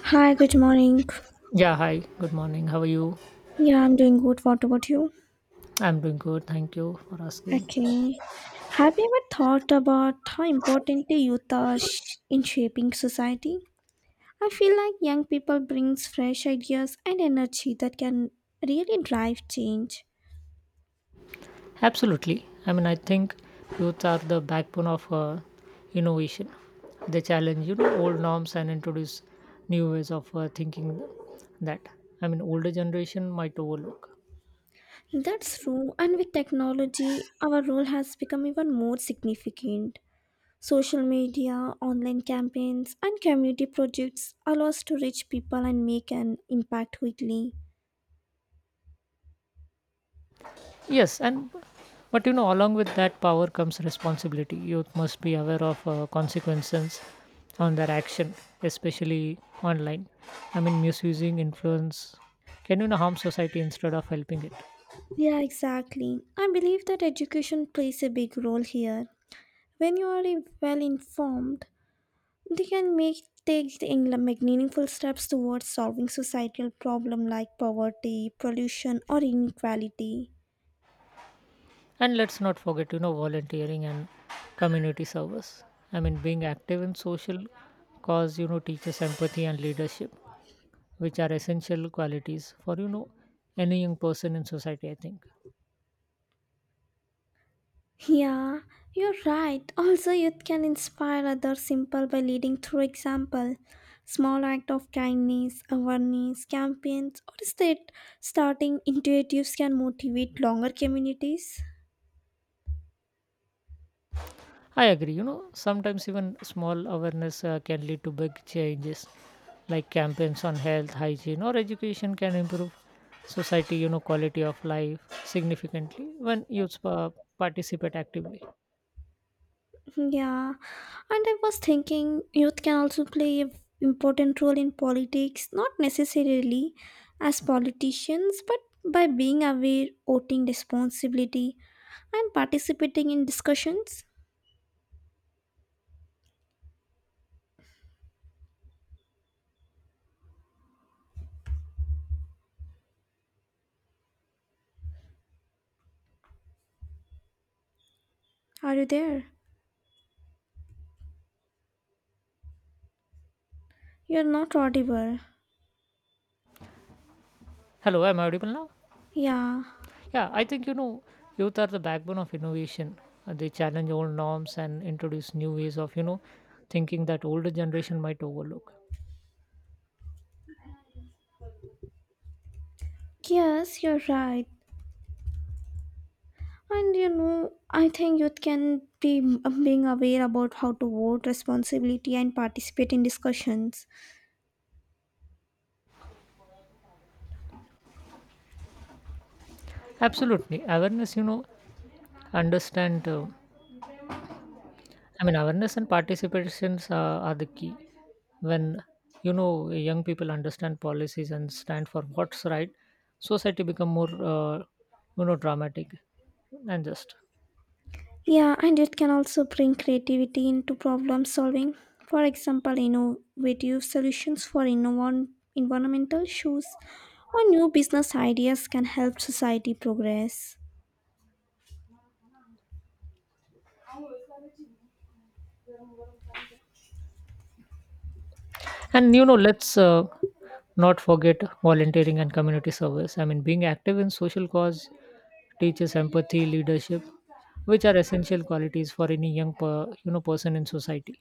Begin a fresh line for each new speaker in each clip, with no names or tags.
Hi, good morning.
Yeah, hi, good morning. How are you?
Yeah, I'm doing good. What about you?
I'm doing good. Thank you for asking.
Okay. Have you ever thought about how important the youth are in shaping society? I feel like young people brings fresh ideas and energy that can really drive change.
Absolutely. I think youths are the backbone of innovation. They challenge, old norms and introduce new ways of thinking that, older generation might overlook.
That's true, and with technology, our role has become even more significant. Social media, online campaigns, and community projects allow us to reach people and make an impact quickly.
Yes, and but you know, along with that power comes responsibility. Youth must be aware of consequences on their action, especially online. Misusing influence can harm society instead of helping it.
Yeah, exactly. I believe that education plays a big role here. When you are well informed, they can make take the in- make meaningful steps towards solving societal problems like poverty, pollution, or inequality.
And let's not forget, volunteering and community service. Being active in social cause, teaches empathy and leadership, which are essential qualities for any young person in society. I think.
Yeah, you're right. Also, youth can inspire others simple by leading through example. Small act of kindness, awareness, campaigns, or state starting initiatives can motivate longer communities.
I agree. You know, sometimes even small awareness can lead to big changes, like campaigns on health, hygiene, or education can improve society, quality of life significantly when youth participate actively.
Yeah, and I was thinking youth can also play an important role in politics, not necessarily as politicians, but by being aware, voting responsibility, and participating in discussions. Are you there? You're not audible.
Hello, am I audible now?
Yeah.
Yeah, I think, youth are the backbone of innovation. They challenge old norms and introduce new ways of, thinking that older generation might overlook.
Yes, you're right. And you know, I think youth can be being aware about how to vote, responsibility, and participate in discussions.
Absolutely. Awareness, understand. Awareness and participations are the key. When young people understand policies and stand for what's right, society become more dramatic and just.
Yeah, and it can also bring creativity into problem solving. For example, innovative solutions for environmental issues or new business ideas can help society progress.
And you know, let's not forget volunteering and community service. Being active in social cause teaches empathy, leadership, which are essential qualities for any young person in society.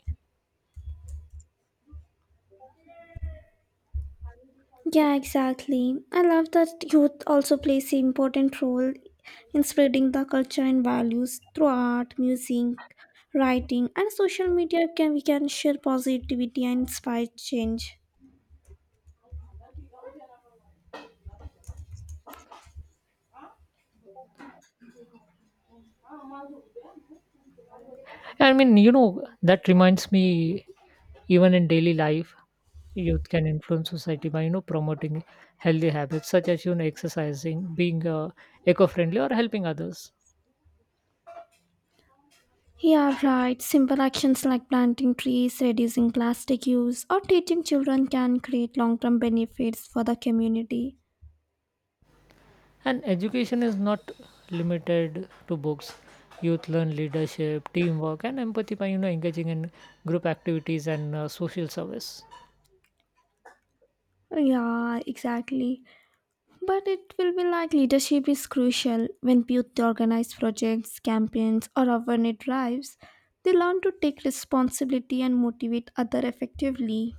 Yeah, exactly. I love that youth also plays an important role in spreading the culture and values through art, music, writing, and social media. Can we can share positivity and inspire change?
You know, that reminds me, even in daily life, youth can influence society by, promoting healthy habits such as, exercising, being eco friendly, or helping others.
Yeah, right. Simple actions like planting trees, reducing plastic use, or teaching children can create long term benefits for the community.
And education is not limited to books. Youth learn leadership, teamwork, and empathy by, engaging in group activities and social service.
Yeah, exactly. But it will be like leadership is crucial when youth organize projects, campaigns, or awareness drives. They learn to take responsibility and motivate other effectively.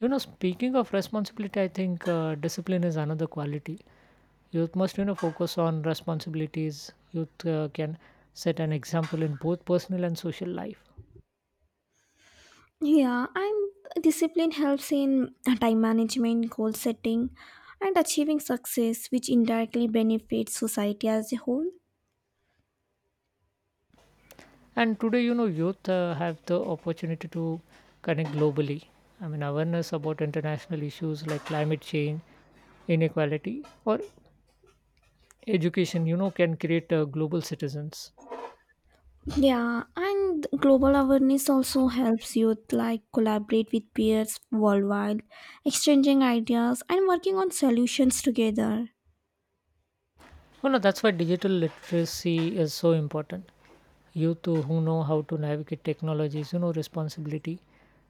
You know, speaking of responsibility, I think discipline is another quality youth must focus on. Responsibilities youth can set an example in both personal and social life.
Yeah, and discipline helps in time management, goal setting, and achieving success, which indirectly benefits society as a whole.
And today, you know, youth have the opportunity to connect globally. Awareness about international issues like climate change, inequality, or education, can create global citizens.
Yeah, and global awareness also helps youth like collaborate with peers worldwide, exchanging ideas and working on solutions together.
Well no, that's why digital literacy is so important. Youth who know how to navigate technologies, responsibility,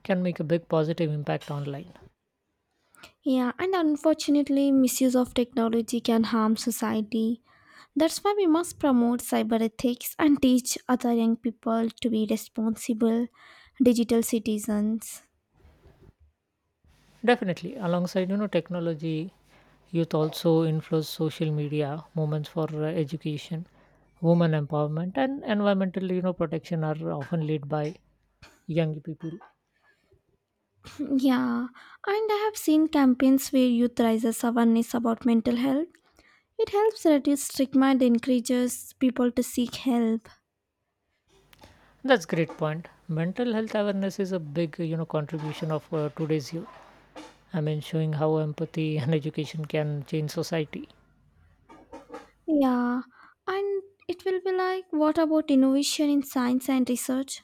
can make a big positive impact online.
Yeah, and unfortunately, misuse of technology can harm society. That's why we must promote cyber ethics and teach other young people to be responsible digital citizens.
Definitely, alongside technology, youth also influence social media movements for education, women empowerment, and environmental, protection are often led by young people.
Yeah, and I have seen campaigns where youth raises awareness about mental health. It helps reduce stigma and encourages people to seek help.
That's great point. Mental health awareness is a big, contribution of today's youth. Showing how empathy and education can change society.
Yeah, and it will be like what about innovation in science and research?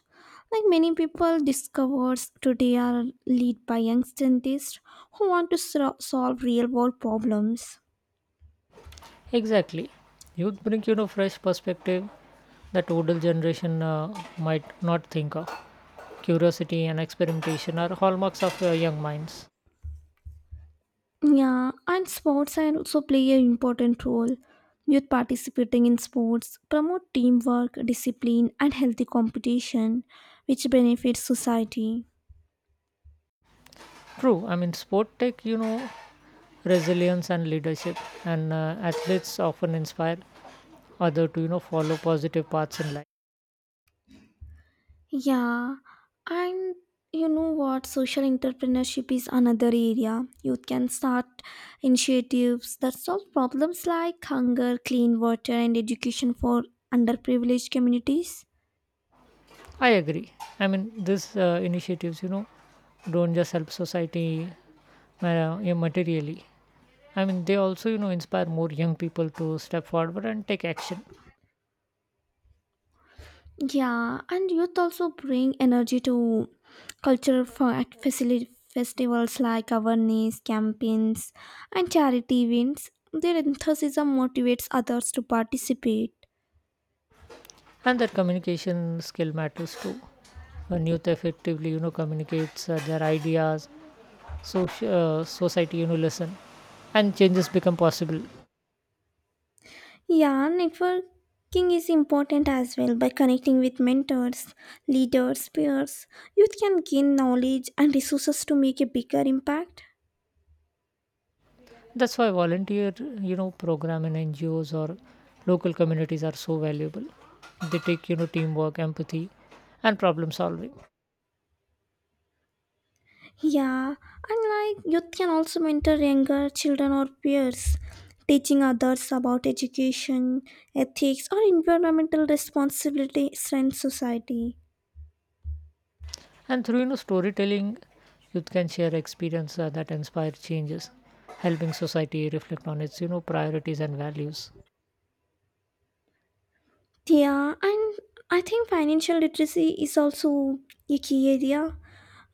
Like many people discovers today are led by young scientists who want to solve real world problems.
Exactly, youth bring, fresh perspective that older generation might not think of. Curiosity and experimentation are hallmarks of young minds.
Yeah, and sports are also play an important role. Youth participating in sports promote teamwork, discipline, and healthy competition, which benefits society.
True, sport tech, resilience and leadership, and athletes often inspire others to, follow positive paths in life.
Yeah, and you know what? Social entrepreneurship is another area. Youth can start initiatives that solve problems like hunger, clean water, and education for underprivileged communities.
I agree. These initiatives, don't just help society yeah, materially. They also, inspire more young people to step forward and take action.
Yeah, and youth also bring energy to cultural festivals like awareness campaigns and charity events. Their enthusiasm motivates others to participate.
And that communication skill matters too. When youth effectively, communicates their ideas So, society, listen and changes become possible.
Yeah, networking is important as well by connecting with mentors, leaders, peers. Youth can gain knowledge and resources to make a bigger impact.
That's why volunteer, program in NGOs or local communities are so valuable. They take, teamwork, empathy, and problem solving.
Yeah, and like youth can also mentor younger children or peers, teaching others about education, ethics, or environmental responsibility strengthens society.
And through, storytelling, youth can share experiences that inspire changes, helping society reflect on its, priorities and values.
Yeah, and I think financial literacy is also a key area.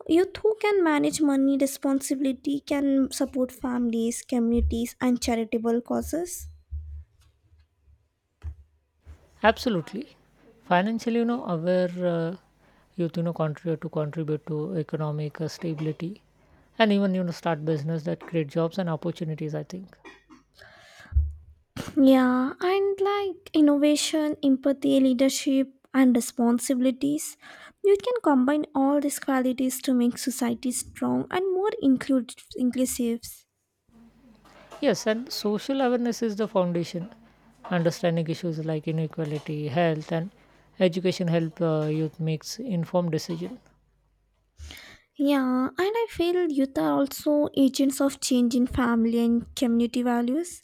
Youth who can manage money responsibility can support families, communities, and charitable causes.
Absolutely. Financially, aware youth, you know, contribute to economic stability and even, start business that create jobs and opportunities, I think.
Yeah, and like innovation, empathy, leadership, and responsibilities, you can combine all these qualities to make society strong and more inclusive.
Yes, and social awareness is the foundation. Understanding issues like inequality, health, and education help youth makes informed decision.
Yeah, and I feel youth are also agents of change in family and community values.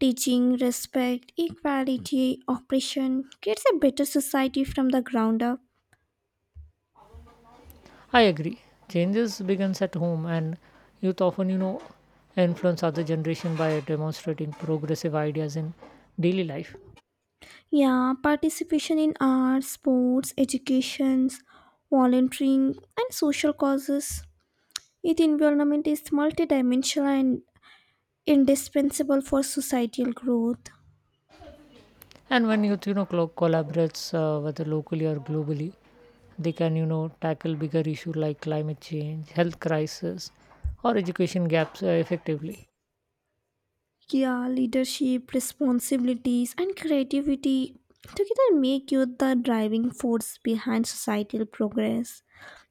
Teaching respect, equality, oppression creates a better society from the ground up.
I agree. Changes begins at home, and youth often, influence other generation by demonstrating progressive ideas in daily life.
Yeah, participation in arts, sports, educations, volunteering, and social causes. Youth involvement is multidimensional and indispensable for societal growth.
And when youth, you know, collaborates whether locally or globally, they can, tackle bigger issues like climate change, health crisis, or education gaps effectively.
Yeah, leadership, responsibilities, and creativity together make youth the driving force behind societal progress.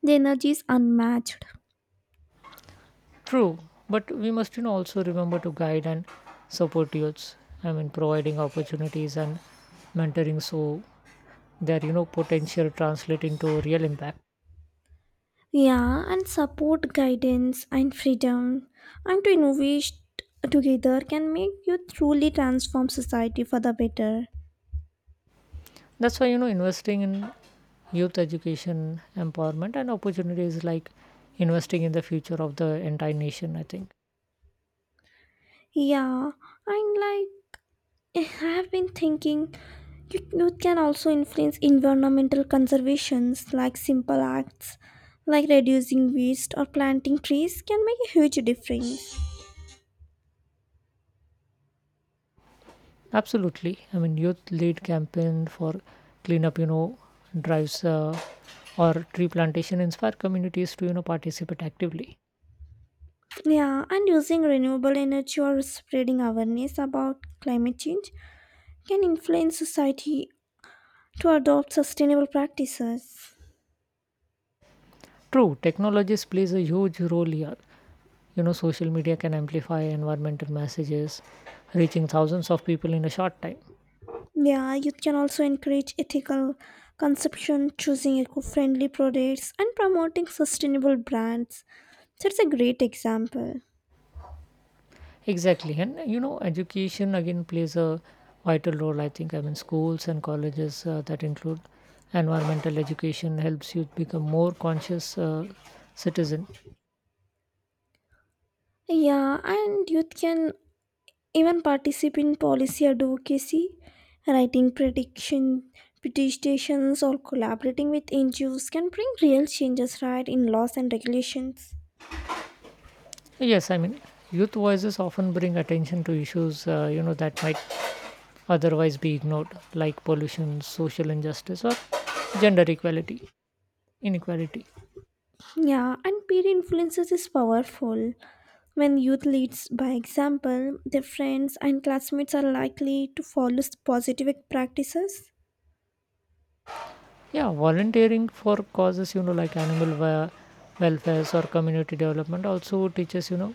The energy is unmatched.
True, but we must, also remember to guide and support youths. Providing opportunities and mentoring so their, potential translate into real impact.
Yeah, and support, guidance, and freedom, and to innovate together can make you truly transform society for the better.
That's why, investing in youth education, empowerment, and opportunities like investing in the future of the entire nation, I think.
Yeah, and like I have been thinking, you can also influence environmental conservations like simple acts like reducing waste or planting trees can make a huge difference.
Absolutely. Youth lead campaign for cleanup, drives or tree plantation inspire communities to, participate actively.
Yeah, and using renewable energy or spreading awareness about climate change can influence society to adopt sustainable practices.
True, technologies plays a huge role here. You know, social media can amplify environmental messages, reaching thousands of people in a short time.
Yeah, youth can also encourage ethical consumption, choosing eco friendly products, and promoting sustainable brands. That's a great example.
Exactly. And, education again plays a vital role, I think. Schools and colleges that include environmental education helps youth become more conscious citizen.
Yeah, and youth can even participate in policy advocacy, writing prediction petitions or collaborating with NGOs can bring real changes right in laws and regulations.
Yes, youth voices often bring attention to issues, that might otherwise be ignored, like pollution, social injustice, or gender equality, inequality.
Yeah, and peer influences is powerful. When youth leads by example, their friends and classmates are likely to follow positive practices.
Yeah, volunteering for causes, like animal welfare or community development also teaches,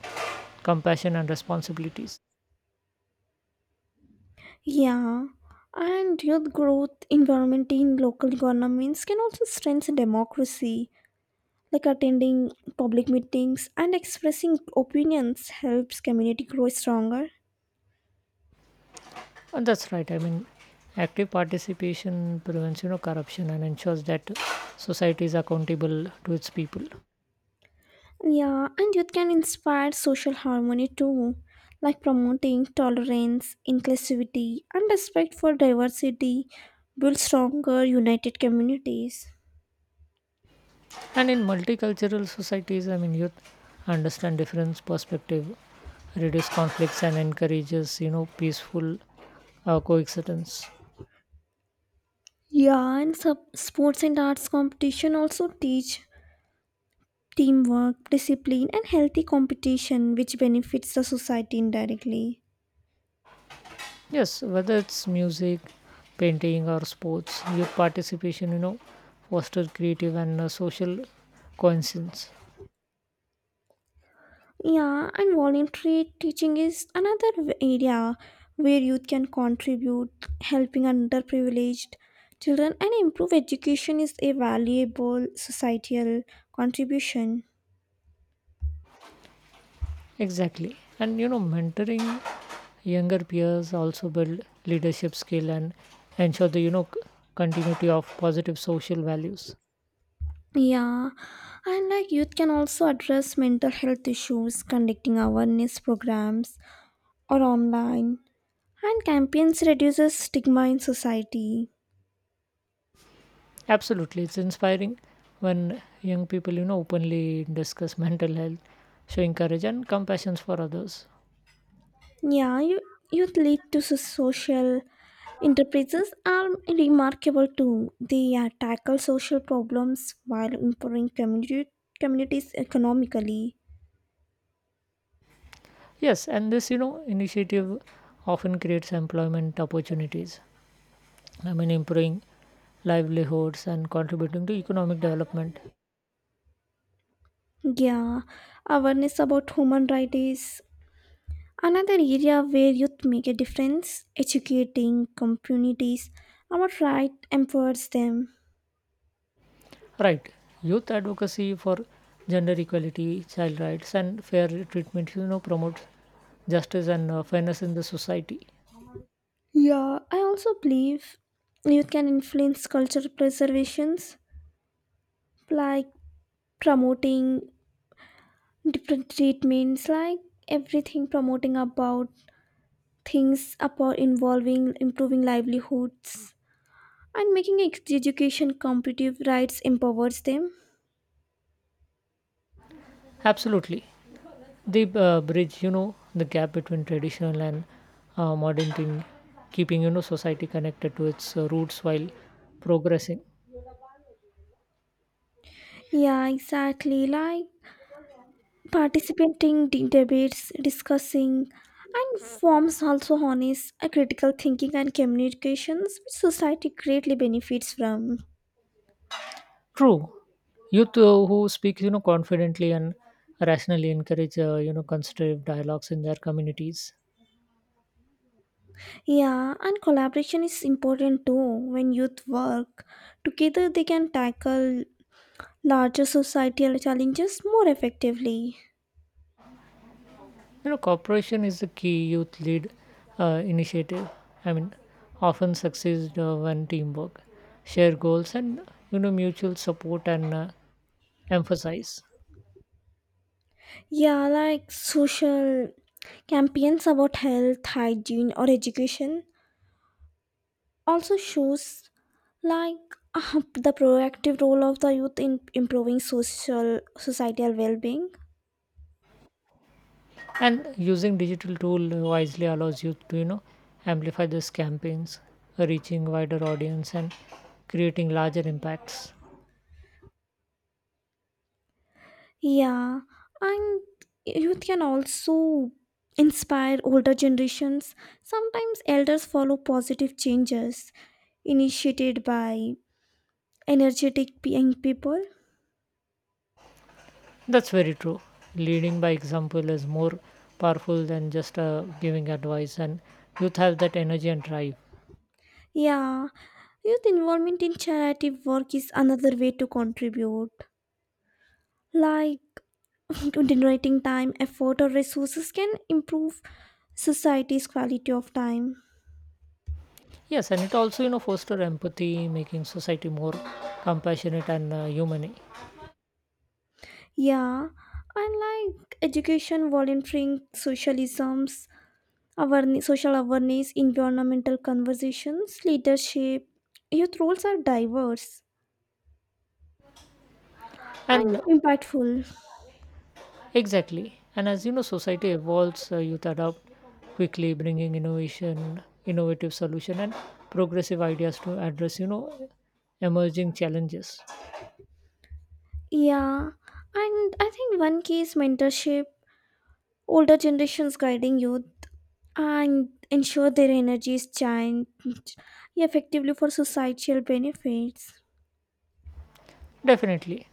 compassion and responsibilities.
Yeah, and youth growth involvement in local governments can also strengthen democracy. Like attending public meetings and expressing opinions helps community grow stronger.
And that's right. Active participation prevents, corruption and ensures that society is accountable to its people.
Yeah, and youth can inspire social harmony too, like promoting tolerance, inclusivity, and respect for diversity, build stronger, united communities.
And in multicultural societies, youth understand difference perspective, reduce conflicts, and encourages, peaceful coexistence.
Yeah, and sports and arts competition also teach teamwork, discipline, and healthy competition, which benefits the society indirectly.
Yes, whether it's music, painting, or sports, youth participation, foster creative and social coincidence.
Yeah, and voluntary teaching is another area where youth can contribute, helping underprivileged children and improve education is a valuable societal contribution.
Exactly, and you know, mentoring younger peers also build leadership skill and ensure the, you know, continuity of positive social values.
Yeah, and like youth can also address mental health issues, conducting awareness programs or online, and campaigns reduces stigma in society.
Absolutely, it's inspiring when young people, openly discuss mental health, showing courage and compassion for others.
Yeah, youth lead to social enterprises are remarkable too. They tackle social problems while improving communities economically.
Yes, and this, initiative often creates employment opportunities. Improving livelihoods and contributing to economic development.
Yeah, awareness about human rights is another area where youth make a difference. Educating communities about right empowers them.
Right, youth advocacy for gender equality, child rights, and fair treatment, promotes justice and fairness in the society.
Yeah, I also believe youth can influence cultural preservations like promoting different treatments like everything promoting about things about involving improving livelihoods and making education competitive rights empowers them.
Absolutely. The bridge, the gap between traditional and modern thing, keeping, society connected to its roots while progressing.
Yeah, exactly, like participating in debates discussing and forms also harness a critical thinking and communications which society greatly benefits from.
True, youth who speak, confidently and rationally encourage constructive dialogues in their communities.
Yeah, and collaboration is important too. When youth work together they can tackle larger societal challenges more effectively.
You know, cooperation is the key. Youth lead initiative, i mean often succeeds when teamwork, share goals, and, mutual support and emphasize.
Yeah, like social campaigns about health, hygiene, or education also shows like the proactive role of the youth in improving social societal well-being.
And using digital tool wisely allows you to, amplify these campaigns, reaching wider audience and creating larger impacts.
Yeah, and youth can also inspire older generations. Sometimes elders follow positive changes initiated by energetic young people.
That's very true. Leading by example is more powerful than just giving advice, and youth have that energy and drive.
Yeah, youth involvement in charity work is another way to contribute. Like donating time, effort, or resources can improve society's quality of time.
Yes, and it also, foster empathy, making society more compassionate and humane.
Yeah, and like education, volunteering, socialisms, awareness, social awareness, environmental conversations, leadership. Youth roles are diverse and
And
impactful.
exactly. And as you know, society evolves, youth adopt quickly, bringing innovation, innovative solution, and progressive ideas to address, emerging challenges.
Yeah, and I think one key is mentorship, older generations guiding youth and ensure their energy is changed effectively for societal benefits.
Definitely.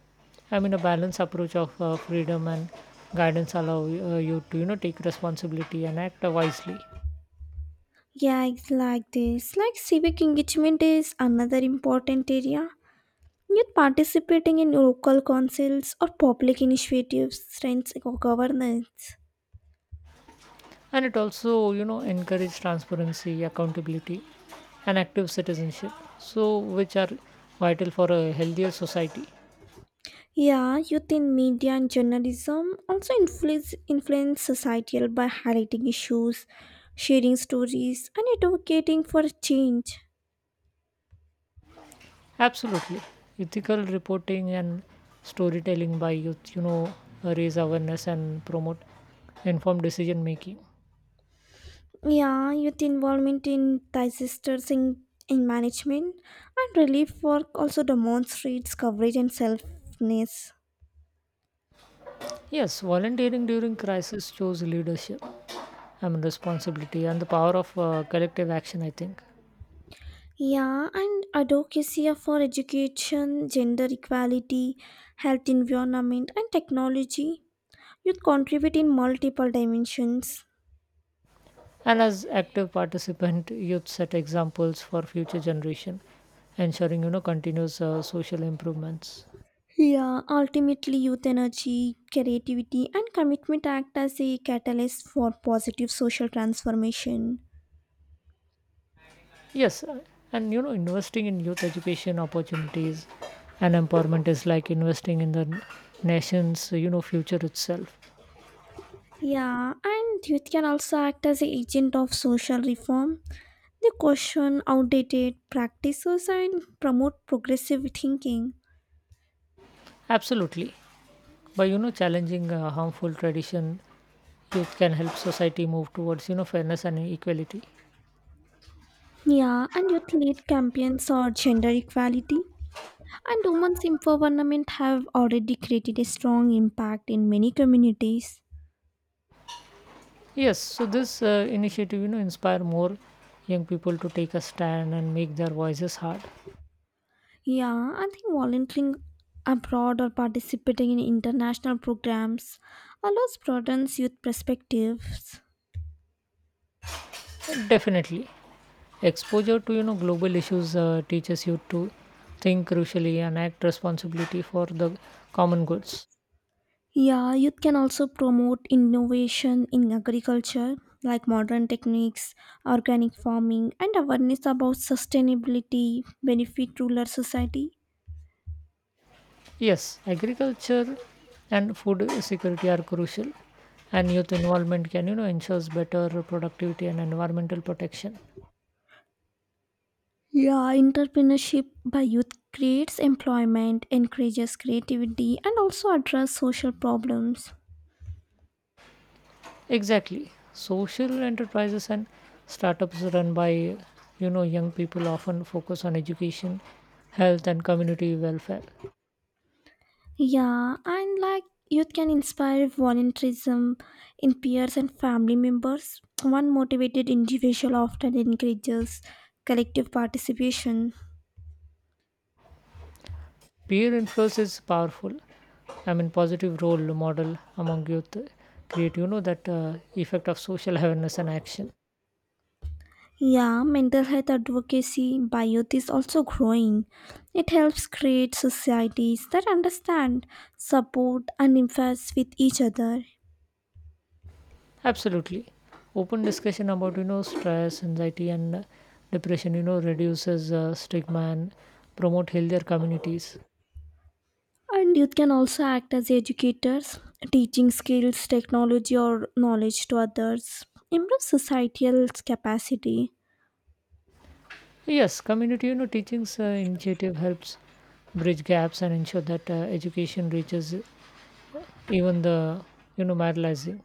A balanced approach of freedom and guidance allow you to, take responsibility and act wisely.
Yeah, it's like this. Like civic engagement is another important area. Youth participating in local councils or public initiatives strengthens governance.
And it also, encourage transparency, accountability, and active citizenship. So, which are vital for a healthier society.
Yeah, youth in media and journalism also influence societal by highlighting issues, sharing stories, and advocating for change.
Absolutely. Ethical reporting and storytelling by youth, raise awareness and promote informed decision making.
Yeah, youth involvement in in management and relief work also demonstrates coverage and selfness.
Yes, volunteering during crisis shows leadership and responsibility and the power of collective action, I think.
Yeah, and advocacy for education, gender equality, health environment, and technology. Youth contribute in multiple dimensions.
And as active participant, youth set examples for future generation, ensuring, continuous social improvements.
Yeah, ultimately, youth energy, creativity, and commitment act as a catalyst for positive social transformation.
Yes, and you know, investing in youth education opportunities and empowerment is like investing in the nation's, future itself.
Yeah, and youth can also act as an agent of social reform. They question outdated practices and promote progressive thinking.
Absolutely, by, challenging harmful tradition, youth can help society move towards, fairness and equality.
Yeah, and youth lead campaigns on gender equality. And women's empowerment have already created a strong impact in many communities.
Yes, so this initiative, inspire more young people to take a stand and make their voices heard.
Yeah, I think volunteering abroad or participating in international programs allows broadens youth perspectives.
Definitely. Exposure to, global issues teaches you to think crucially and act responsibility for the common goods.
Yeah, youth can also promote innovation in agriculture like modern techniques, organic farming, and awareness about sustainability benefit rural society.
Yes, agriculture and food security are crucial, and youth involvement can, ensures better productivity and environmental protection.
Yeah, entrepreneurship by youth creates employment, encourages creativity, and also address social problems.
Exactly, social enterprises and startups run by, young people often focus on education, health, and community welfare.
Yeah, and like youth can inspire volunteerism in peers and family members. One motivated individual often encourages collective participation.
Peer influence is powerful. Positive role model among youth create, that effect of social awareness and action.
Yeah, mental health advocacy by youth is also growing. It helps create societies that understand, support, and empathize with each other.
Absolutely. Open discussion about, stress, anxiety, and depression, reduces stigma and promote healthier communities.
And youth can also act as educators, teaching skills, technology, or knowledge to others. Improve societal capacity.
Yes, community, teachings initiative helps bridge gaps and ensure that education reaches even the, marginalized.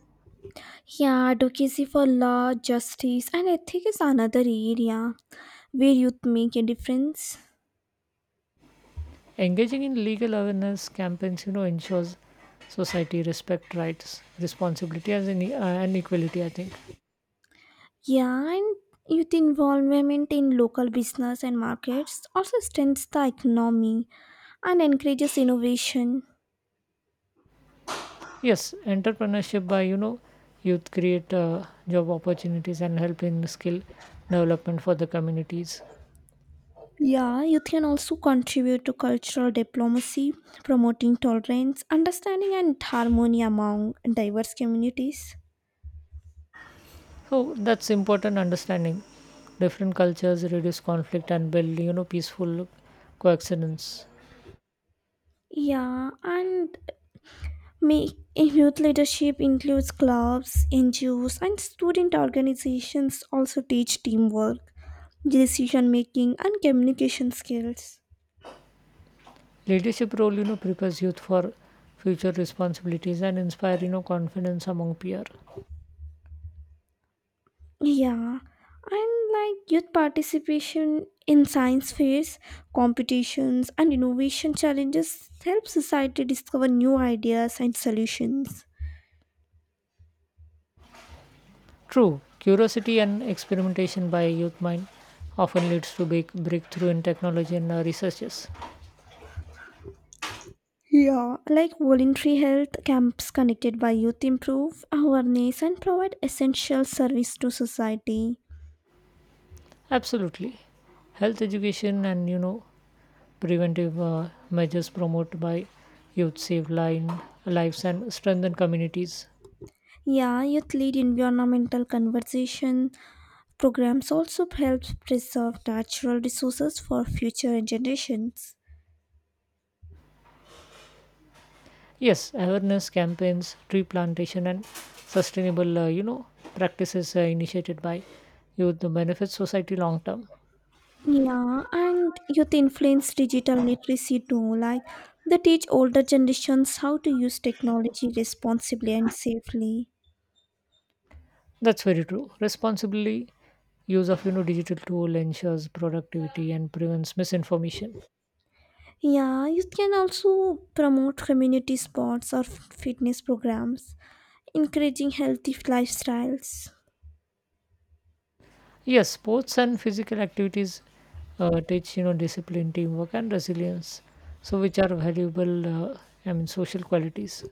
Yeah, advocacy for law, justice, and ethics is another area where youth make a difference.
Engaging in legal awareness campaigns, ensures society respect rights, responsibility, and equality. I think.
Yeah, and youth involvement in local business and markets also strengthens the economy and encourages innovation.
Yes, entrepreneurship by, youth create job opportunities and help in skill development for the communities.
Yeah, youth can also contribute to cultural diplomacy, promoting tolerance, understanding, and harmony among diverse communities.
So that's important understanding. Different cultures reduce conflict and build, peaceful coexistence.
Yeah, and make youth leadership includes clubs, NGOs, and student organizations also teach teamwork, decision making, and communication skills.
Leadership role, prepares youth for future responsibilities and inspire, confidence among peer.
Yeah, and like youth participation in science fairs, competitions, and innovation challenges help society discover new ideas and solutions.
True, curiosity and experimentation by a youth mind often leads to big breakthrough in technology and researches.
Yeah, like voluntary health camps connected by youth improve awareness and provide essential service to society.
Absolutely. Health education and, preventive measures promoted by youth save lives and strengthen communities.
Yeah, youth lead environmental conversation programs also help preserve natural resources for future generations.
Yes, awareness campaigns, tree plantation, and sustainable practices initiated by youth benefits society long term.
Yeah, and youth influence digital literacy too. Like they teach older generations how to use technology responsibly and safely.
That's very true. Responsibly use of, digital tool ensures productivity and prevents misinformation.
Yeah, youth can also promote community sports or fitness programs, encouraging healthy lifestyles.
Yes, sports and physical activities teach, discipline, teamwork, and resilience. So, which are valuable, uh, social qualities.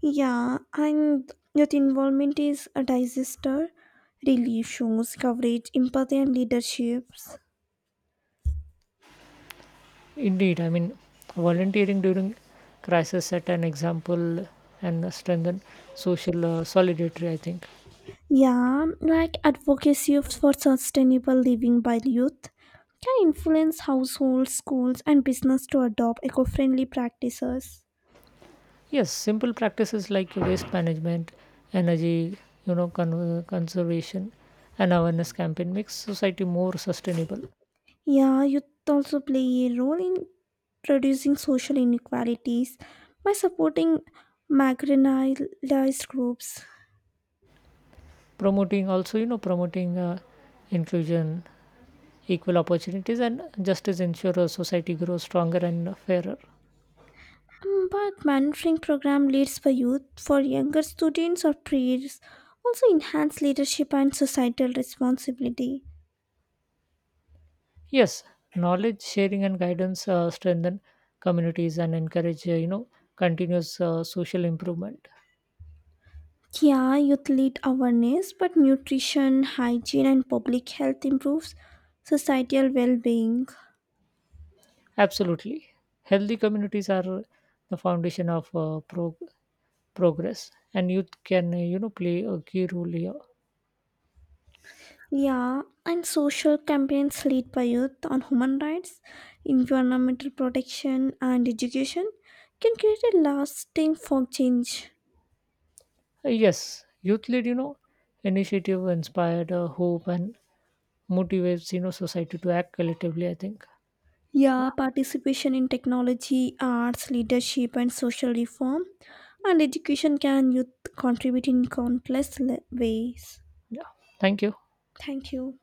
Yeah, and youth involvement is a disaster relief shows coverage, empathy, and leaderships.
Indeed, volunteering during crisis set an example and strengthen social solidarity. I think.
Yeah, like advocacy for sustainable living by youth can influence households, schools, and business to adopt eco friendly practices.
Yes, simple practices like waste management, energy, you know, conservation, and awareness campaign makes society more sustainable.
Yeah, youth also play a role in reducing social inequalities by supporting marginalized groups.
Promoting also, you know, promoting inclusion, equal opportunities, and justice ensure a society grows stronger and fairer.
Mm, but mentoring program leads for youth for younger students or peers also enhance leadership and societal responsibility.
Yes, knowledge sharing and guidance strengthen communities and encourage, continuous social improvement.
Yeah, youth lead awareness, but nutrition, hygiene, and public health improves societal well being.
Absolutely, healthy communities are the foundation of progress, and youth can, play a key role here.
Yeah, and social campaigns led by youth on human rights, environmental protection, and education can create a lasting form change.
Yes youth led, initiative inspired hope and motivates, society to act collectively. I think. yeah
Yeah, participation in technology, arts, leadership, and social reform, and education can youth contribute in countless ways.
yeah, thank you.
Thank you.